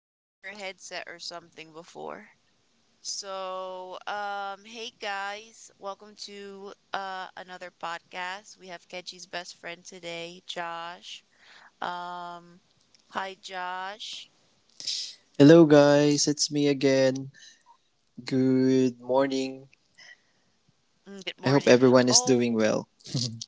I think your headset or something before. So, hey guys, welcome to another podcast. We have Keji's best friend today, Josh. Um hi, Josh. Hello, guys, it's me again. Good morning. Mm, good I hope morning. everyone is doing Oh. well.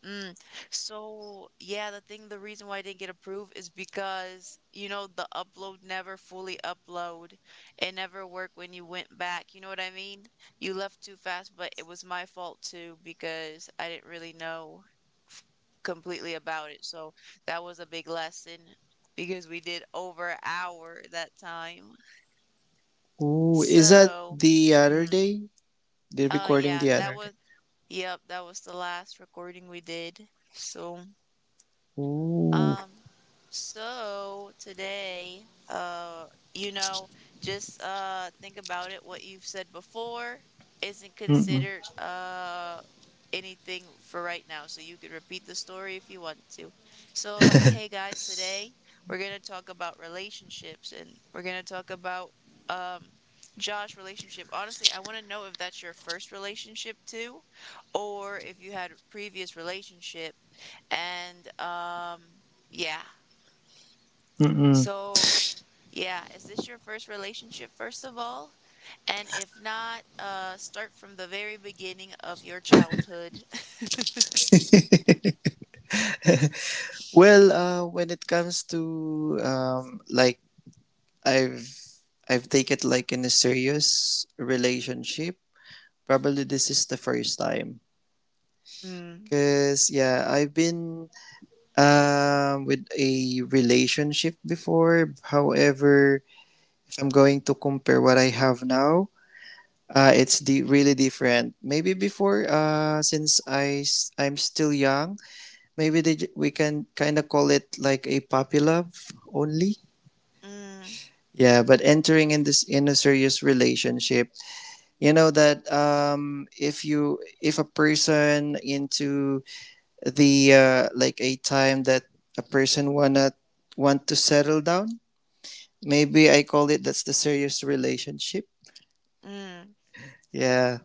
Mm. So yeah, the thing, the reason why I didn't get approved is because, you know, the upload never fully upload. It never worked when you went back. You know what I mean? You left too fast, but it was my fault too because I didn't really know f- completely about it. So that was a big lesson because we did over an hour that time. Ooh, is that So, the other mm. day? They're recording Yeah, the that other day. was, yep, that was the last recording we did. So. Ooh. Um, so today, uh, you know, just think about it. What you've said before isn't Mm-mm. considered anything for right now. So you can repeat the story if you want to. So, hey guys, today we're gonna talk about relationships and we're gonna talk about um Josh relationship. Honestly, I want to know if that's your first relationship too, or if you had a previous relationship and yeah. Mm-mm. So, yeah, is this your first relationship, first of all? And if not, start from the very beginning of your childhood. Well, when it comes to like I've I've taken like in a serious relationship. Probably this is the first time. Mm, Cause yeah, I've been with a relationship before. However, I'm going to compare what I have now. It's the really different. Maybe before, since I'm still young, maybe we can kind of call it like a puppy love only. mm, Yeah, but entering in this in a serious relationship, you know that if a person into the like a time that a person wanna want to settle down, maybe I call it that's the serious relationship. mm. Yeah.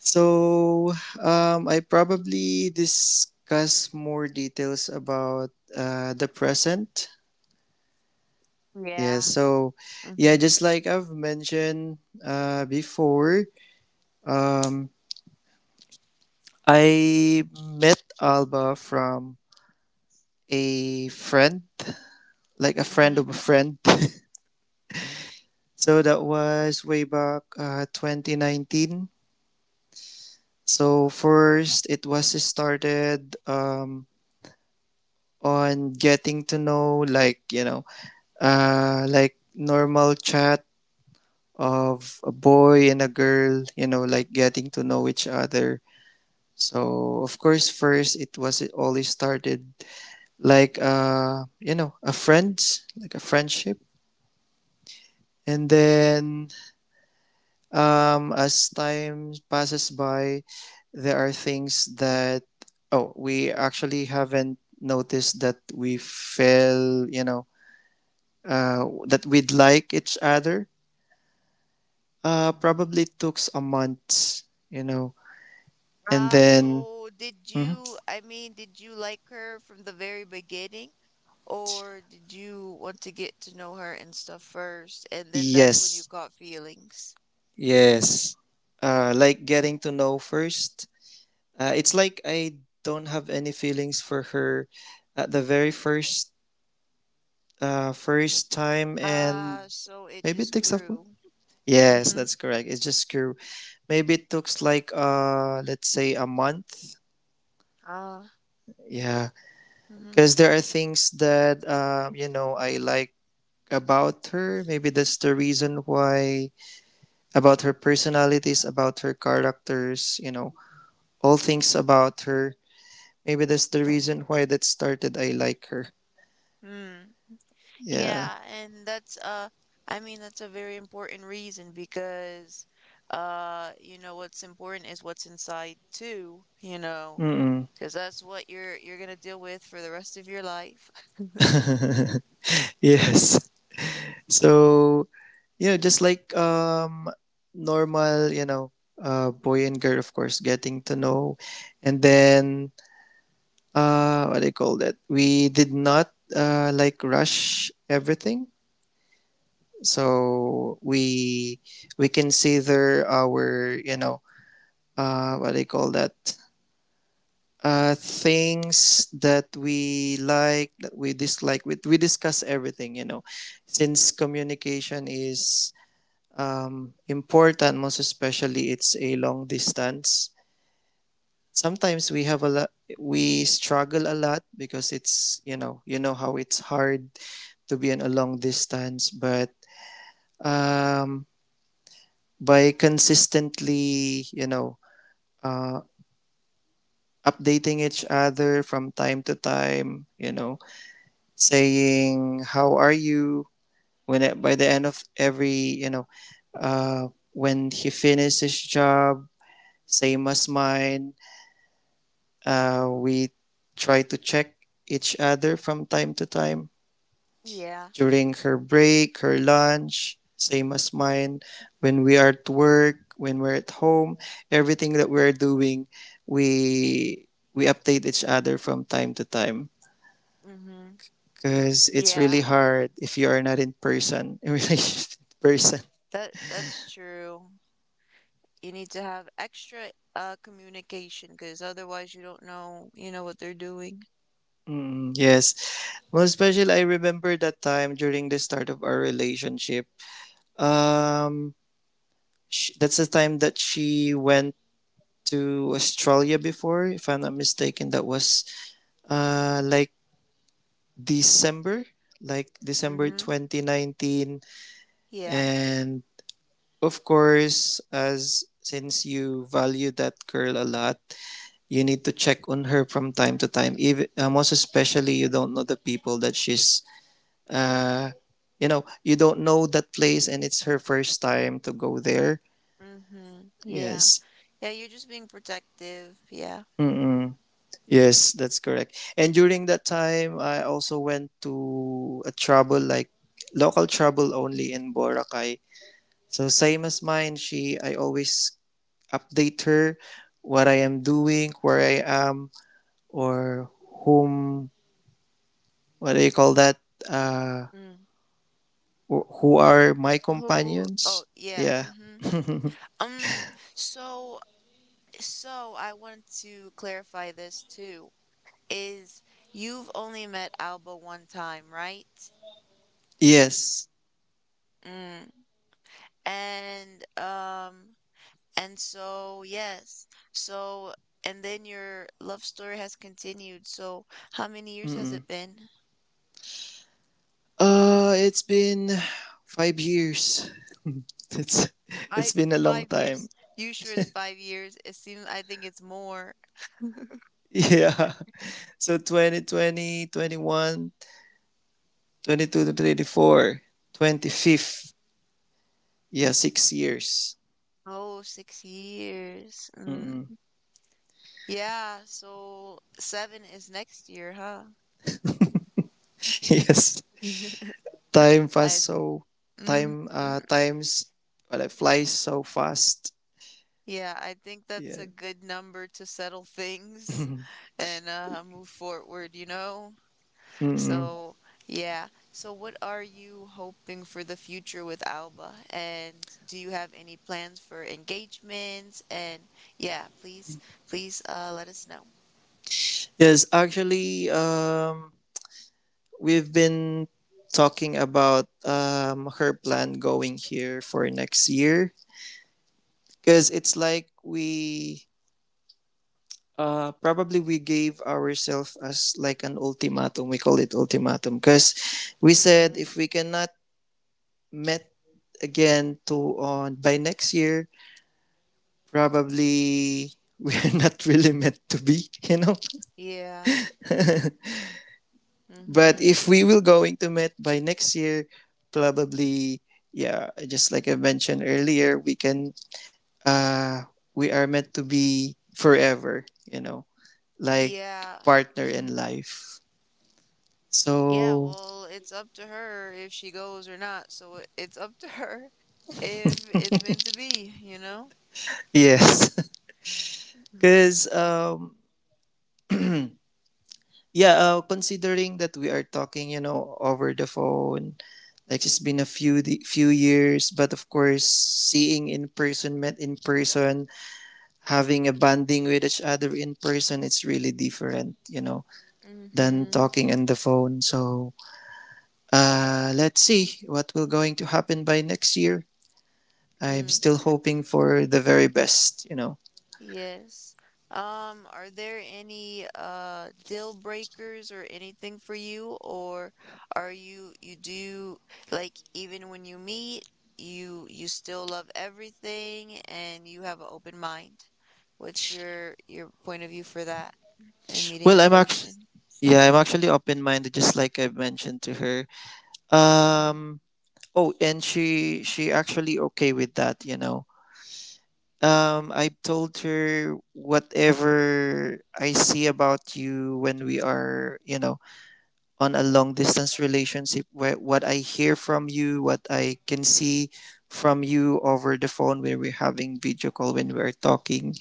So I probably discuss more details about the present. Yeah, Yeah. so Mm-hmm. yeah, just like I've mentioned before, um, I met Alba from a friend, like a friend Mm-hmm. of a friend. So that was way back 2019. So first, it was started on getting to know, like like normal chat of a boy and a girl, you know, like getting to know each other. So, of course, first it always started like, a friends, like a friendship. And then, as time passes by, there are things that, oh, we actually haven't noticed that we fell, that we'd like each other. Probably took a month, you know, and Uh, then so did mm-hmm. you, I mean, did you like her from the very beginning, or did you want to get to know her and stuff first, and then that's when you Yes, caught feelings? yes, like getting to know first. It's like I don't have any feelings for her at the very first first time, and So it maybe it just takes a grew. yes, Mm-hmm. that's correct. It's just maybe it took like let's say a month. Uh, Yeah, mm-hmm. because there are things that I like about her. Maybe that's the reason why about her personalities, about her characters, you know, all things about her. Maybe that's the reason why that started. I like her. Mm, Yeah. yeah, and that's I mean that's a very important reason because you know what's important is what's inside too, you know, Mm-mm. because that's what you're gonna deal with for the rest of your life. Yes. So just like normal, boy and girl, of course, getting to know, and then what do you call that? We did not like rush everything, so we consider our what do you call that? Things that we like, that we dislike. We discuss everything. Since communication is important, most especially it's a long distance. Sometimes we have a lot, we struggle a lot because it's, you know how it's hard to be in a long distance, but um, by consistently, uh, updating each other from time to time, saying, "How are you?" When it, by the end of every, you know, when he finished his job, same as mine, we try to check each other from time to time Yeah. during her break, her lunch, same as mine. When we are at work, when we're at home, everything that we're doing, we we update each other from time to time, Mm-hmm. because it's Yeah. really hard if you are not in person in relationship. Person. That's true. You need to have extra communication because otherwise you don't know, you know what they're doing. Mm, yes, most special. I remember that time during the start of our relationship, um sh that's the time that she went to Australia before. If I'm not mistaken, that was like December, like December Mm-hmm. 2019. Yeah. And of course, as since you value that girl a lot, you need to check on her from time to time. Even most especially, you don't know the people that she's. Uh, you don't know that place, and it's her first time to go there. Mm-hmm. Yeah. Yes. Yeah, you're just being protective. Yeah. Mm-mm. Yes, that's correct. And during that time, I also went to a trouble, like local trouble only, in Boracay. So same as mine, she I always update her what I am doing, where I am, or whom, what do you call that? Uh, Mm. Who are my Who? companions. Oh, yeah. Yeah. Mm-hmm. Um, so, so, I wanted to clarify this too, is you've only met Alba one time, right? Yes. Mm. And, um, and so, yes. So, and then your love story has continued. So, how many years has Mm-mm. it been? It's been 5 years. It's it's I, been a long five time. years. You sure it's 5 years? It seems, I think it's more. Yeah. So twenty twenty twenty one twenty two to 24, twenty-fifth. Yeah, 6 years. Oh, 6 years. Mm. Mm-mm. Yeah, so seven is next year, huh? Yes. Time I fast, so mm, time mm, times well, it flies so fast. yeah, I think that's a Yeah. good number to settle things and move forward, you know? Mm-mm. So, yeah. So what are you hoping for the future with Alba? And do you have any plans for engagements? And yeah, please, please let us know. Yes, actually, we've been talking about her plan going here for next year, because it's like we probably we gave ourselves as like an ultimatum. We call it ultimatum because we said Mhm. if we cannot met again to on by next year, probably we're not really meant to be, you know. Yeah. But Mhm. if we will going to met by next year, probably, yeah, just like I mentioned earlier, we can uh we are meant to be forever, you know, like Yeah. partner in Mhm. life. Yeah, So well, it's up to her if she goes or not. So it's up to her if it's meant to be, you know? yes, because yeah, considering that we are talking, you know, over the phone, like it's been a few few years, but of course, seeing in person, met in person, having a bonding with each other in person, it's really different, you know, than Mm-hmm. talking on the phone. So let's see what will going to happen by next year. I'm Mm, still hoping for the very best. yes. Are there any deal breakers or anything for you, or are you do like even when you meet, you still love everything and you have an open mind? What's your point of view for that and meeting Well, in I'm actually person? yeah, I'm actually open-minded, just like I mentioned to her. Um oh, and she actually okay with that. I told her whatever I see about you when we are, on a long distance relationship, where what I hear from you, what I can see from you over the phone when we're having video call when we're talking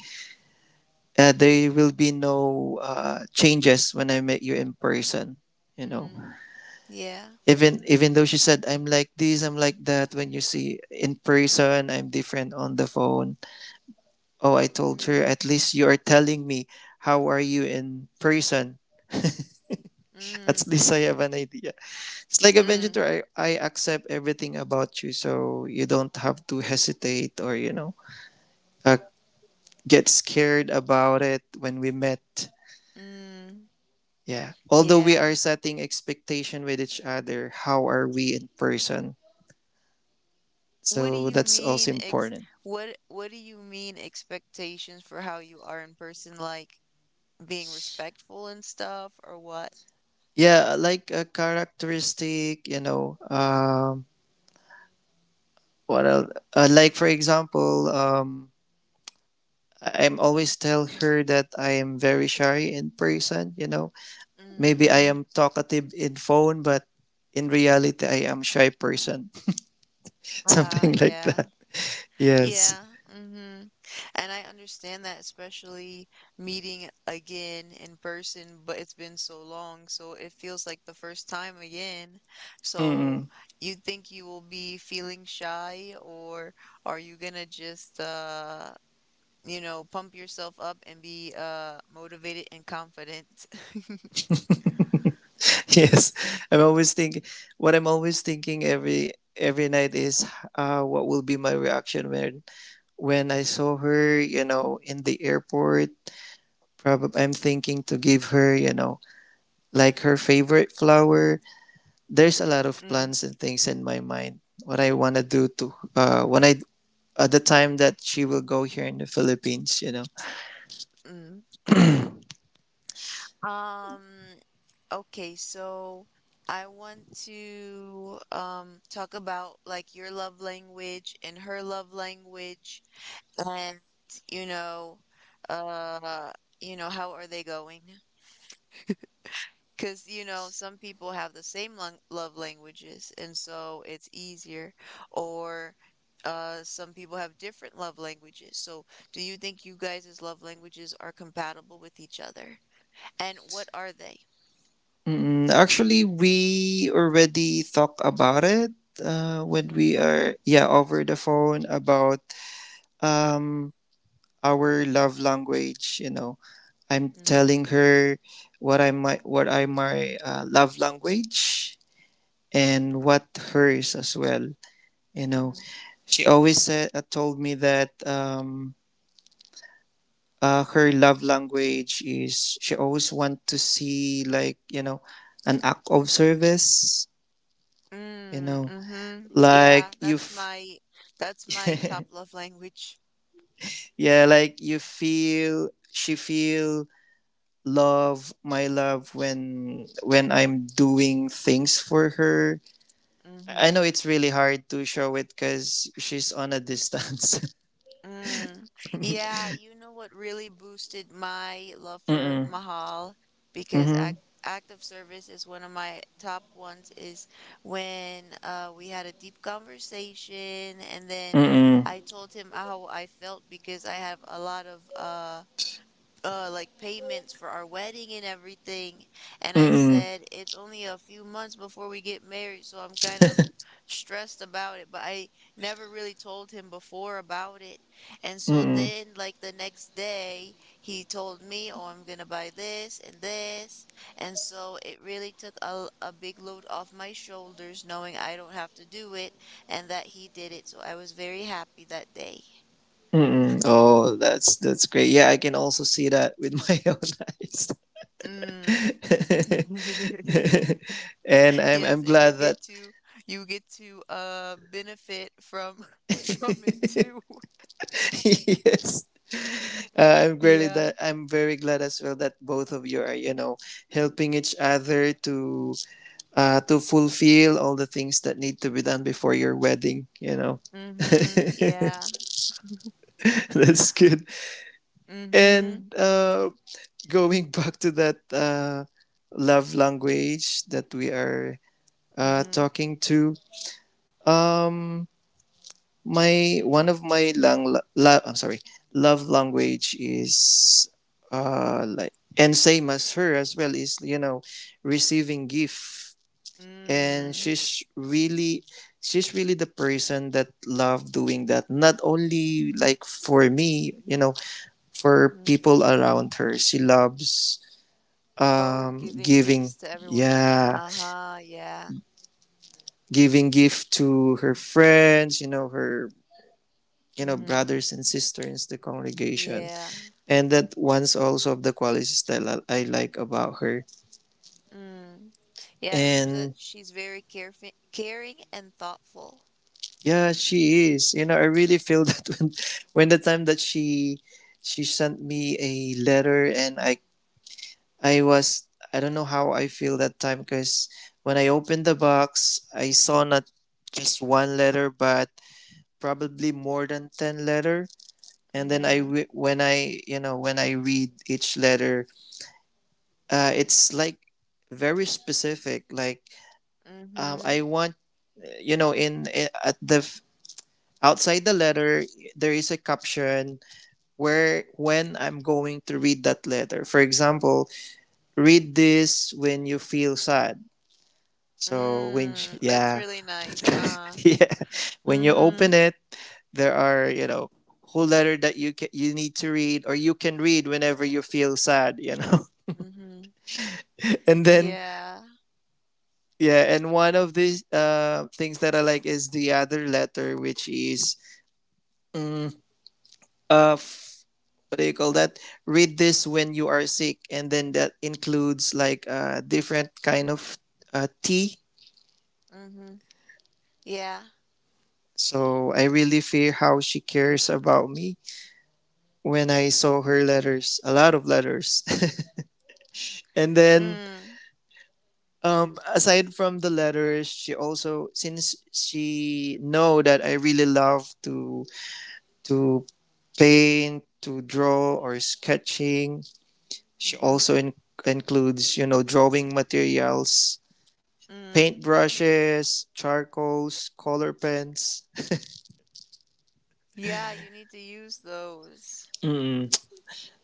there will be no changes when I met you in person. You know, Mm, yeah. even though she said I'm like this, I'm like that. When you see in person, I'm different on the phone. Oh, I told her Mm, at least you are telling me how are you in person. mm, At least I have an idea. It's like a mm, Benjitor. I accept everything about you, so you don't have to hesitate or uh, get scared about it when we met. mm, Yeah. Although we yeah. are setting expectation with each other, how are we in person? What do So you that's also mean ex important. what do you mean expectations for how you are in person, like being respectful and stuff or what? Yeah, like a characteristic, you know, what else? Like for example, I'm always tell her that I am very shy in person. Mm, Maybe I mm-hmm. am talkative in phone, but in reality, I am shy person. Ah, Something like yeah. that. Yes. Yeah. hmm And I understand that, especially meeting again in person, but it's been so long, so it feels like the first time again. So Mm-mm. you think you will be feeling shy, or are you gonna just pump yourself up and be motivated and confident. Yes, I'm always thinking. What I'm always thinking every night is, what will be my reaction when I saw her, you know, in the airport. Probably, I'm thinking to give her, you know, like her favorite flower. There's a lot of Mm-mm. plans and things in my mind. What I wanna do to when I at the time that she will go here in the Philippines. Mm. Um, okay, so I want to talk about like your love language and her love language. And, you know, uh, how are they going? Because, you know, some people have the same lang love languages, and so it's easier. Or some people have different love languages. So, do you think you guys' love languages are compatible with each other? And what are they? Mm, actually, we already talk about it when Mm-hmm. we are yeah over the phone about um our love language, you know. I'm Mm-hmm. telling her what I my love language, and what hers as well, you know. Mm-hmm. She always said told me that her love language is she always want to see, like, you know, an act of service, you Mm, know, mm-hmm. Yeah, like that's my that's my top love language. yeah, like you feel she feel love, my love, when I'm doing things for her. I Mm-hmm. know it's really hard to show it because she's on a distance. Mm. Yeah, you know what really boosted my love for Mm-mm, Mahal because mm-hmm, act of service is one of my top ones is when we had a deep conversation, and then mm-mm, I told him how I felt because I have a lot of like payments for our wedding and everything, and I mm-mm, said it's only a few months before we get married, so I'm kind of stressed about it, but I never really told him before about it. And so mm-mm, then like the next day he told me, oh, I'm gonna buy this and this, and so it really took a big load off my shoulders knowing I don't have to do it, and that he did it, so I was very happy that day mm-mm. Oh, that's great. Yeah, I can also see that with my own eyes. mm. And I'm Yes, and you glad that. get to you get to benefit from from it too. Yes. I'm really Yeah. that I'm very glad as well that both of you are, you know, helping each other to fulfill all the things that need to be done before your wedding. Mm-hmm. That's Yeah. good. Mm-hmm. And going back to that love language that we are Mm-hmm. talking to, um, my one of my I'm sorry, love language is like and same as her as well is, you know, receiving gift. And Mm. She's really the person that love doing that, not only like for me, you know. For Mm-hmm. people around her, she loves Oh, giving giving. gifts to everyone. Yeah, Uh-huh. Yeah. giving gift to her friends, you know, her, you know, Mm-hmm. brothers and sisters in the congregation. Yeah. And that one's also of the qualities that I like about her. Mm. Yeah, it seems that And she's very careful, caring and thoughtful. yeah, she is. You know, I really feel that when the time that she sent me a letter, and I was. I don't know how I feel that time because when I opened the box, I saw not just one letter but probably more than 10 letter. And then Mm-hmm. When I you know when I read each letter, it's like very specific, like Mm-hmm. I want, you know, in at the f- outside the letter there is a caption where when I'm going to read that letter. For example, read this when you feel sad. So when Mm. That's yeah really nice. yeah, when you Mm-hmm. open it, there are, you know, whole letter that you can, you need to read, or you can read whenever you feel sad. Mm-hmm. And then Yeah. yeah, and one of these things that I like is the other letter, which is, mm, uh f- what do you call that, read this when you are sick, and then that includes like a different kind of tea. Mhm. Yeah. So I really feel how she cares about me when I saw her letters, a lot of letters. And then Mm. Aside from the letters, she also, since she know that I really love to to paint, to draw or sketching, she Mhm. also includes, you know, drawing materials. Paint Mm. brushes, charcoals, color pens. Yeah, you need to use those. Mm.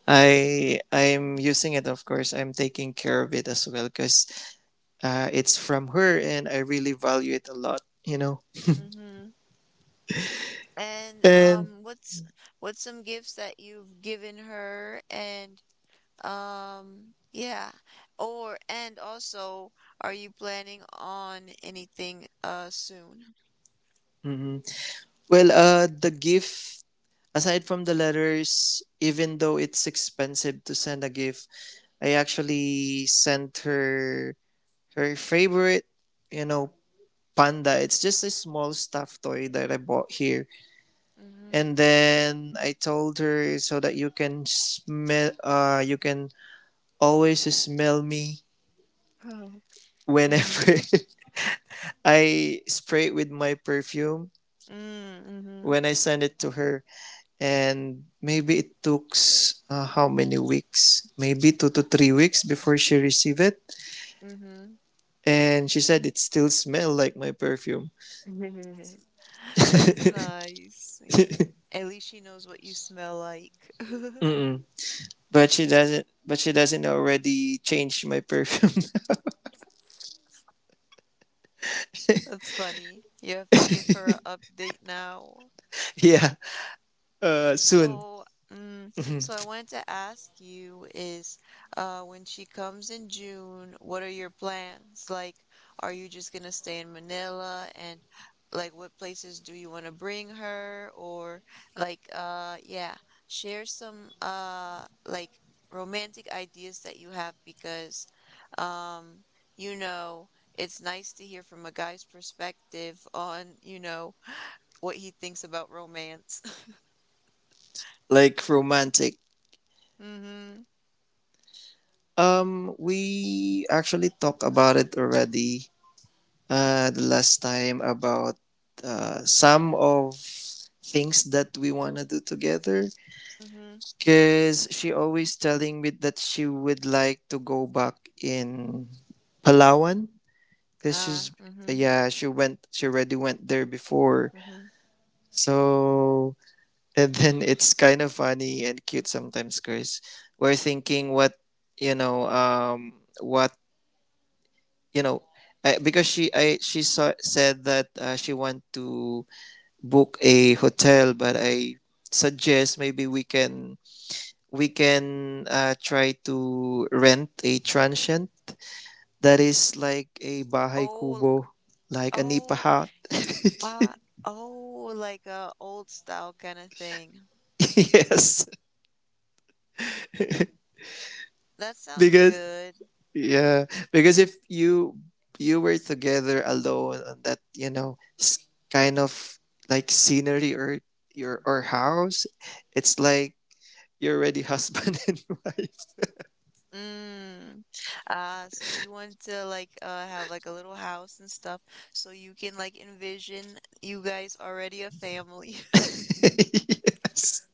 I'm using it, of course. I'm taking care of it as well because it's from her, and I really value it a lot. You know, Mhm. And and what's some gifts that you've given her? And yeah. Or and also, are you planning on anything soon? hmm, well, the gift, aside from the letters, even though it's expensive to send a gift, I actually sent her her favorite, you know, panda. It's just a small stuffed toy that I bought here, Mhm. and then I told her so that you can smell, you can always smell me Oh. Mm. whenever I spray it with my perfume Mm. when I send it to her. And maybe it took, how many weeks, maybe 2 to 3 weeks before she received it, Mhm. and she said it still smell like my perfume. Mhm. That's nice. At least she knows what you smell like. Mm-mm. But she doesn't already change my perfume. That's funny. You have to give her an update now. Yeah, soon. So, so I wanted to ask you is, when she comes in June, what are your plans? Like, are you just gonna stay in Manila, and like what places do you want to bring her? Or like yeah, share some like romantic ideas that you have, because um you know, it's nice to hear from a guy's perspective on, you know, what he thinks about romance. Like romantic. Mm-hmm. We actually talked about it already, the last time about some of things that we want to do together. Mhm. Because she always telling me that she would like to go back in Palawan. Because Uh, she's, mhm. yeah, she went, she already went there before. Mhm. So, and then it's kind of funny and cute sometimes, Chris. We're thinking what, you know, what, you know, I, because she said that she want to book a hotel, but I suggest maybe we can try to rent a transient that is like a bahay Oh, kubo, like a nipa oh, hut. uh, oh, like a old style kind of thing. Yes, That sounds because good. yeah, because if you were together alone on that, you know, kind of like scenery or your or house, it's like you're already husband and wife. Mm. So you want to like have like a little house and stuff so you can like envision you guys already a family. Yes.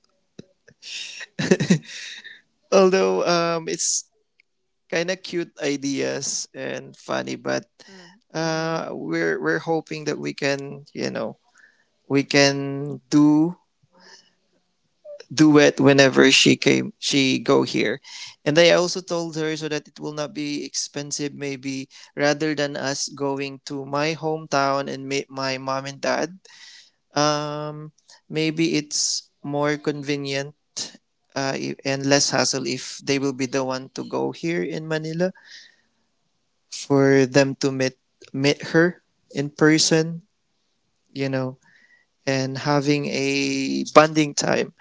Although it's kind of cute ideas and funny, but Mm, mm-hmm. we're hoping that we can, you know, we can do duet whenever she came she go here. And I also told her so that it will not be expensive, maybe rather than us going to my hometown and meet my mom and dad. Um, maybe it's more convenient, and less hassle if they will be the one to go here in Manila for them to meet her in Mm, person, you know, and having a bonding time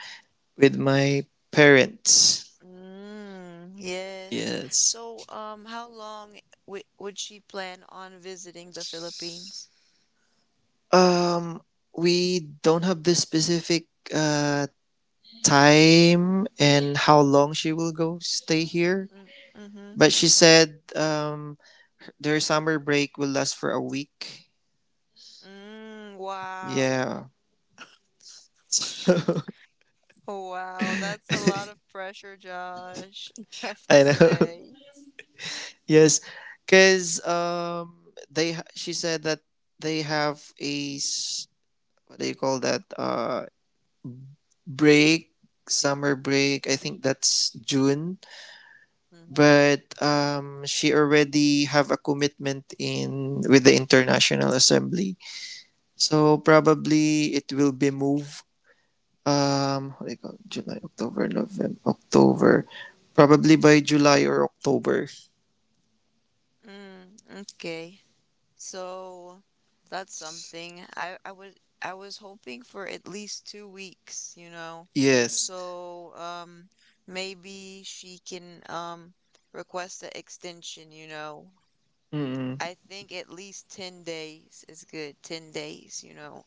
with my parents. mm, yes. Yes. So, how long w would she plan on visiting the Philippines? Um, we don't have the specific uh, time and how long she will go stay here, Mm, mm-hmm. but she said, their summer break will last for a week. Mm, wow. Yeah. So, Wow, that's a lot of pressure, Josh. I have to I know. say. Yes, because she said that they have a s- what do you call that break, summer break. I think that's June, Hmm. but she already have a commitment in with the International Assembly. So probably it will be moved, what do you call it? July, October, November, October. Probably by July or October. Okay. So that's something. I was hoping for at least 2 weeks, you know. Yes. So maybe she can request an extension, you know. Mm. I think at least 10 days is good. 10 days, you know.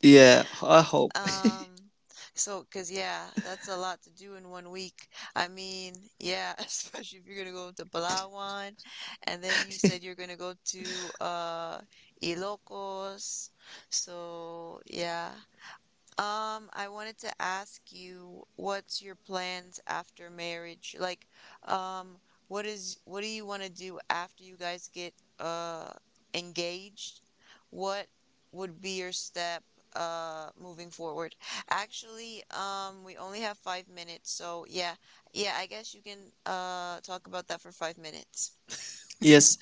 Yeah, I hope. Um, so, cause yeah, that's a lot to do in one week. I mean, yeah, especially if you're gonna go to Palawan, and then you said you're gonna go to Ilocos. So yeah, I wanted to ask you, what's your plans after marriage? Like, um, what do you want to do after you guys get uh engaged? What would be your step moving forward? Actually, we only have 5 minutes, so yeah. Yeah, I guess you can talk about that for 5 minutes. Yes.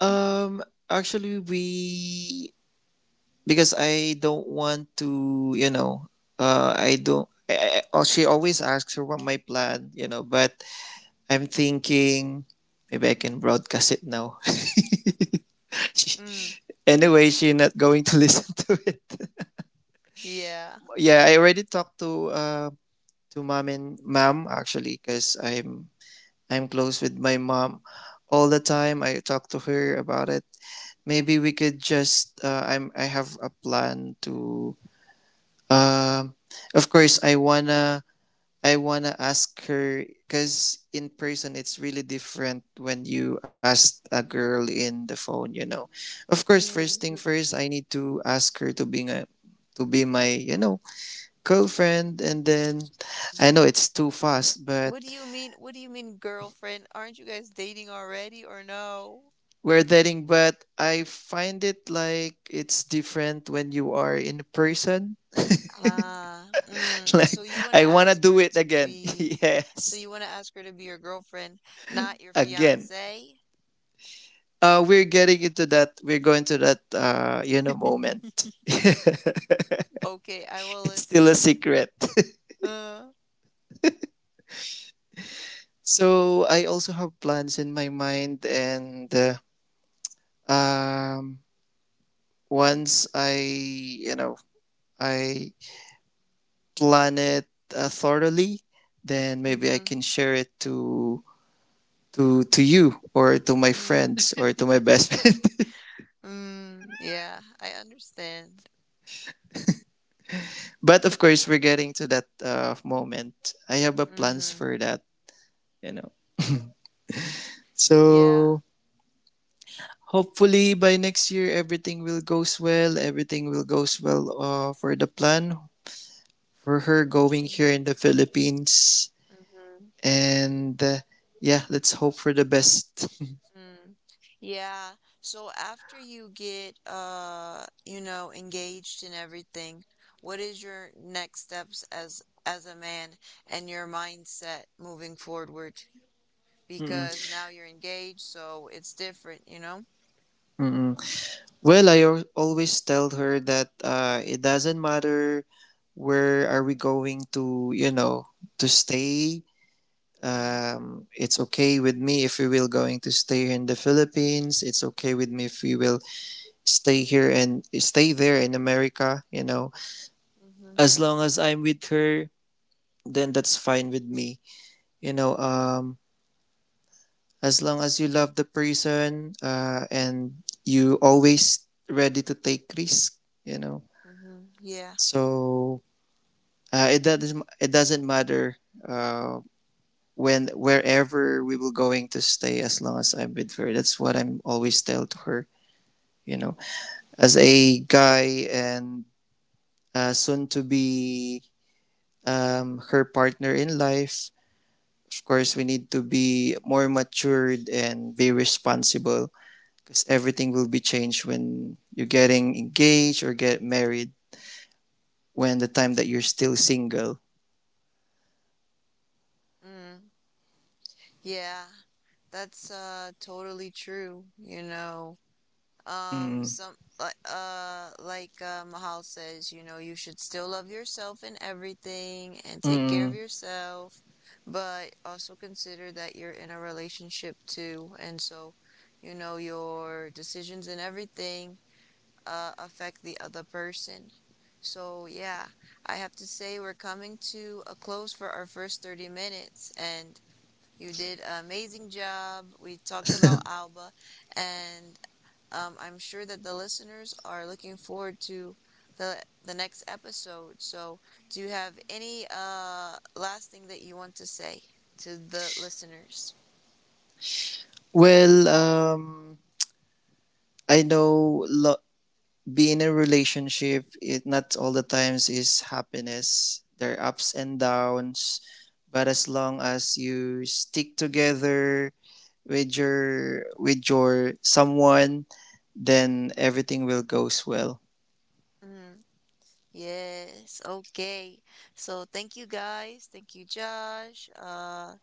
Um actually we, because I don't want to, you know, I don't I- oh, she always asks her what my plan, you know, but I'm thinking maybe I can broadcast it now. She, Mm, anyway, she not going to listen to it. yeah. Yeah, I already talked to mom, and mom actually, because I'm close with my mom all the time. I talk to her about it. Maybe we could just I'm I have a plan to. Um, of course, I wanna ask her because in person it's really different when you ask a girl in the phone. You know, of course, first Mm. thing first, I need to ask her to being a, to be my, you know, girlfriend, and then Mhm. I know it's too fast, but What do you mean? What do you mean, girlfriend? Aren't you guys dating already or no? we're dating, but I find it like it's different when you are in person. Ah, mm. So Like, you want to I wanna ask do her it to again. be. So Yes, you want to ask her to be your girlfriend, not your again. fiance? We're getting into that. We're going to that. You know, moment. It's Okay, I will still a listen. secret. Uh, So I also have plans in my mind, and um, once I, you know, I plan it thoroughly, then maybe I mm-hmm. can share it to to you, or to my Mm, friends, or to my best friend. mm, yeah, I understand. But of course, we're getting to that moment. I have a plans for Mm-hmm. that, you know. Yeah. So hopefully by next year everything will goes well. Everything will goes well for the plan for her going here Mm-hmm. in the Philippines Mm-hmm. and. Yeah, let's hope for the best. Mm. Yeah. So after you get you know, engaged and everything, what is your next steps as a man, and your mindset moving forward? Mm-mm, Because now you're engaged, so it's different, you know? mm-mm. Well, always tell her that it doesn't matter where are we going to, you know, to stay. Mm-hmm. It's okay with me if we will going to stay here in the Philippines. It's okay with me if we will stay here and stay there in America. You know, Mm-hmm. as long as I'm with her, then that's fine with me. You know, as long as you love the person, and you always ready to take risk. You know, Mm-hmm. Yeah. so it doesn't matter uh, when wherever we will going to stay as long as I'm with her. That's what I'm always tell to her. You know, as a guy and soon to be her partner in life. Of course, we need to be more matured and be responsible because everything will be changed when you're getting engaged or get married. When the time that you're still single. Mm. Yeah. That's totally true, you know. Um, Mm, some like Mahal says, you know, you should still love yourself in everything and take care of mm. yourself, but also consider that you're in a relationship too, and so, you know, your decisions and everything affect the other person. So yeah, I have to say we're coming to a close for our first 30 minutes, and you did an amazing job. We talked about Alba, and I'm sure that the listeners are looking forward to the next episode. So, do you have any last thing that you want to say to the listeners? Well, I know being in a relationship, it not all the times is happiness. There are ups and downs, but as long as you stick together with your someone, then everything will goes well. Mm, yes. Okay. So, thank you guys. Thank you, Josh. Uh,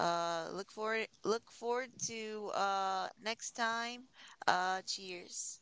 uh, look forward to next time. Cheers.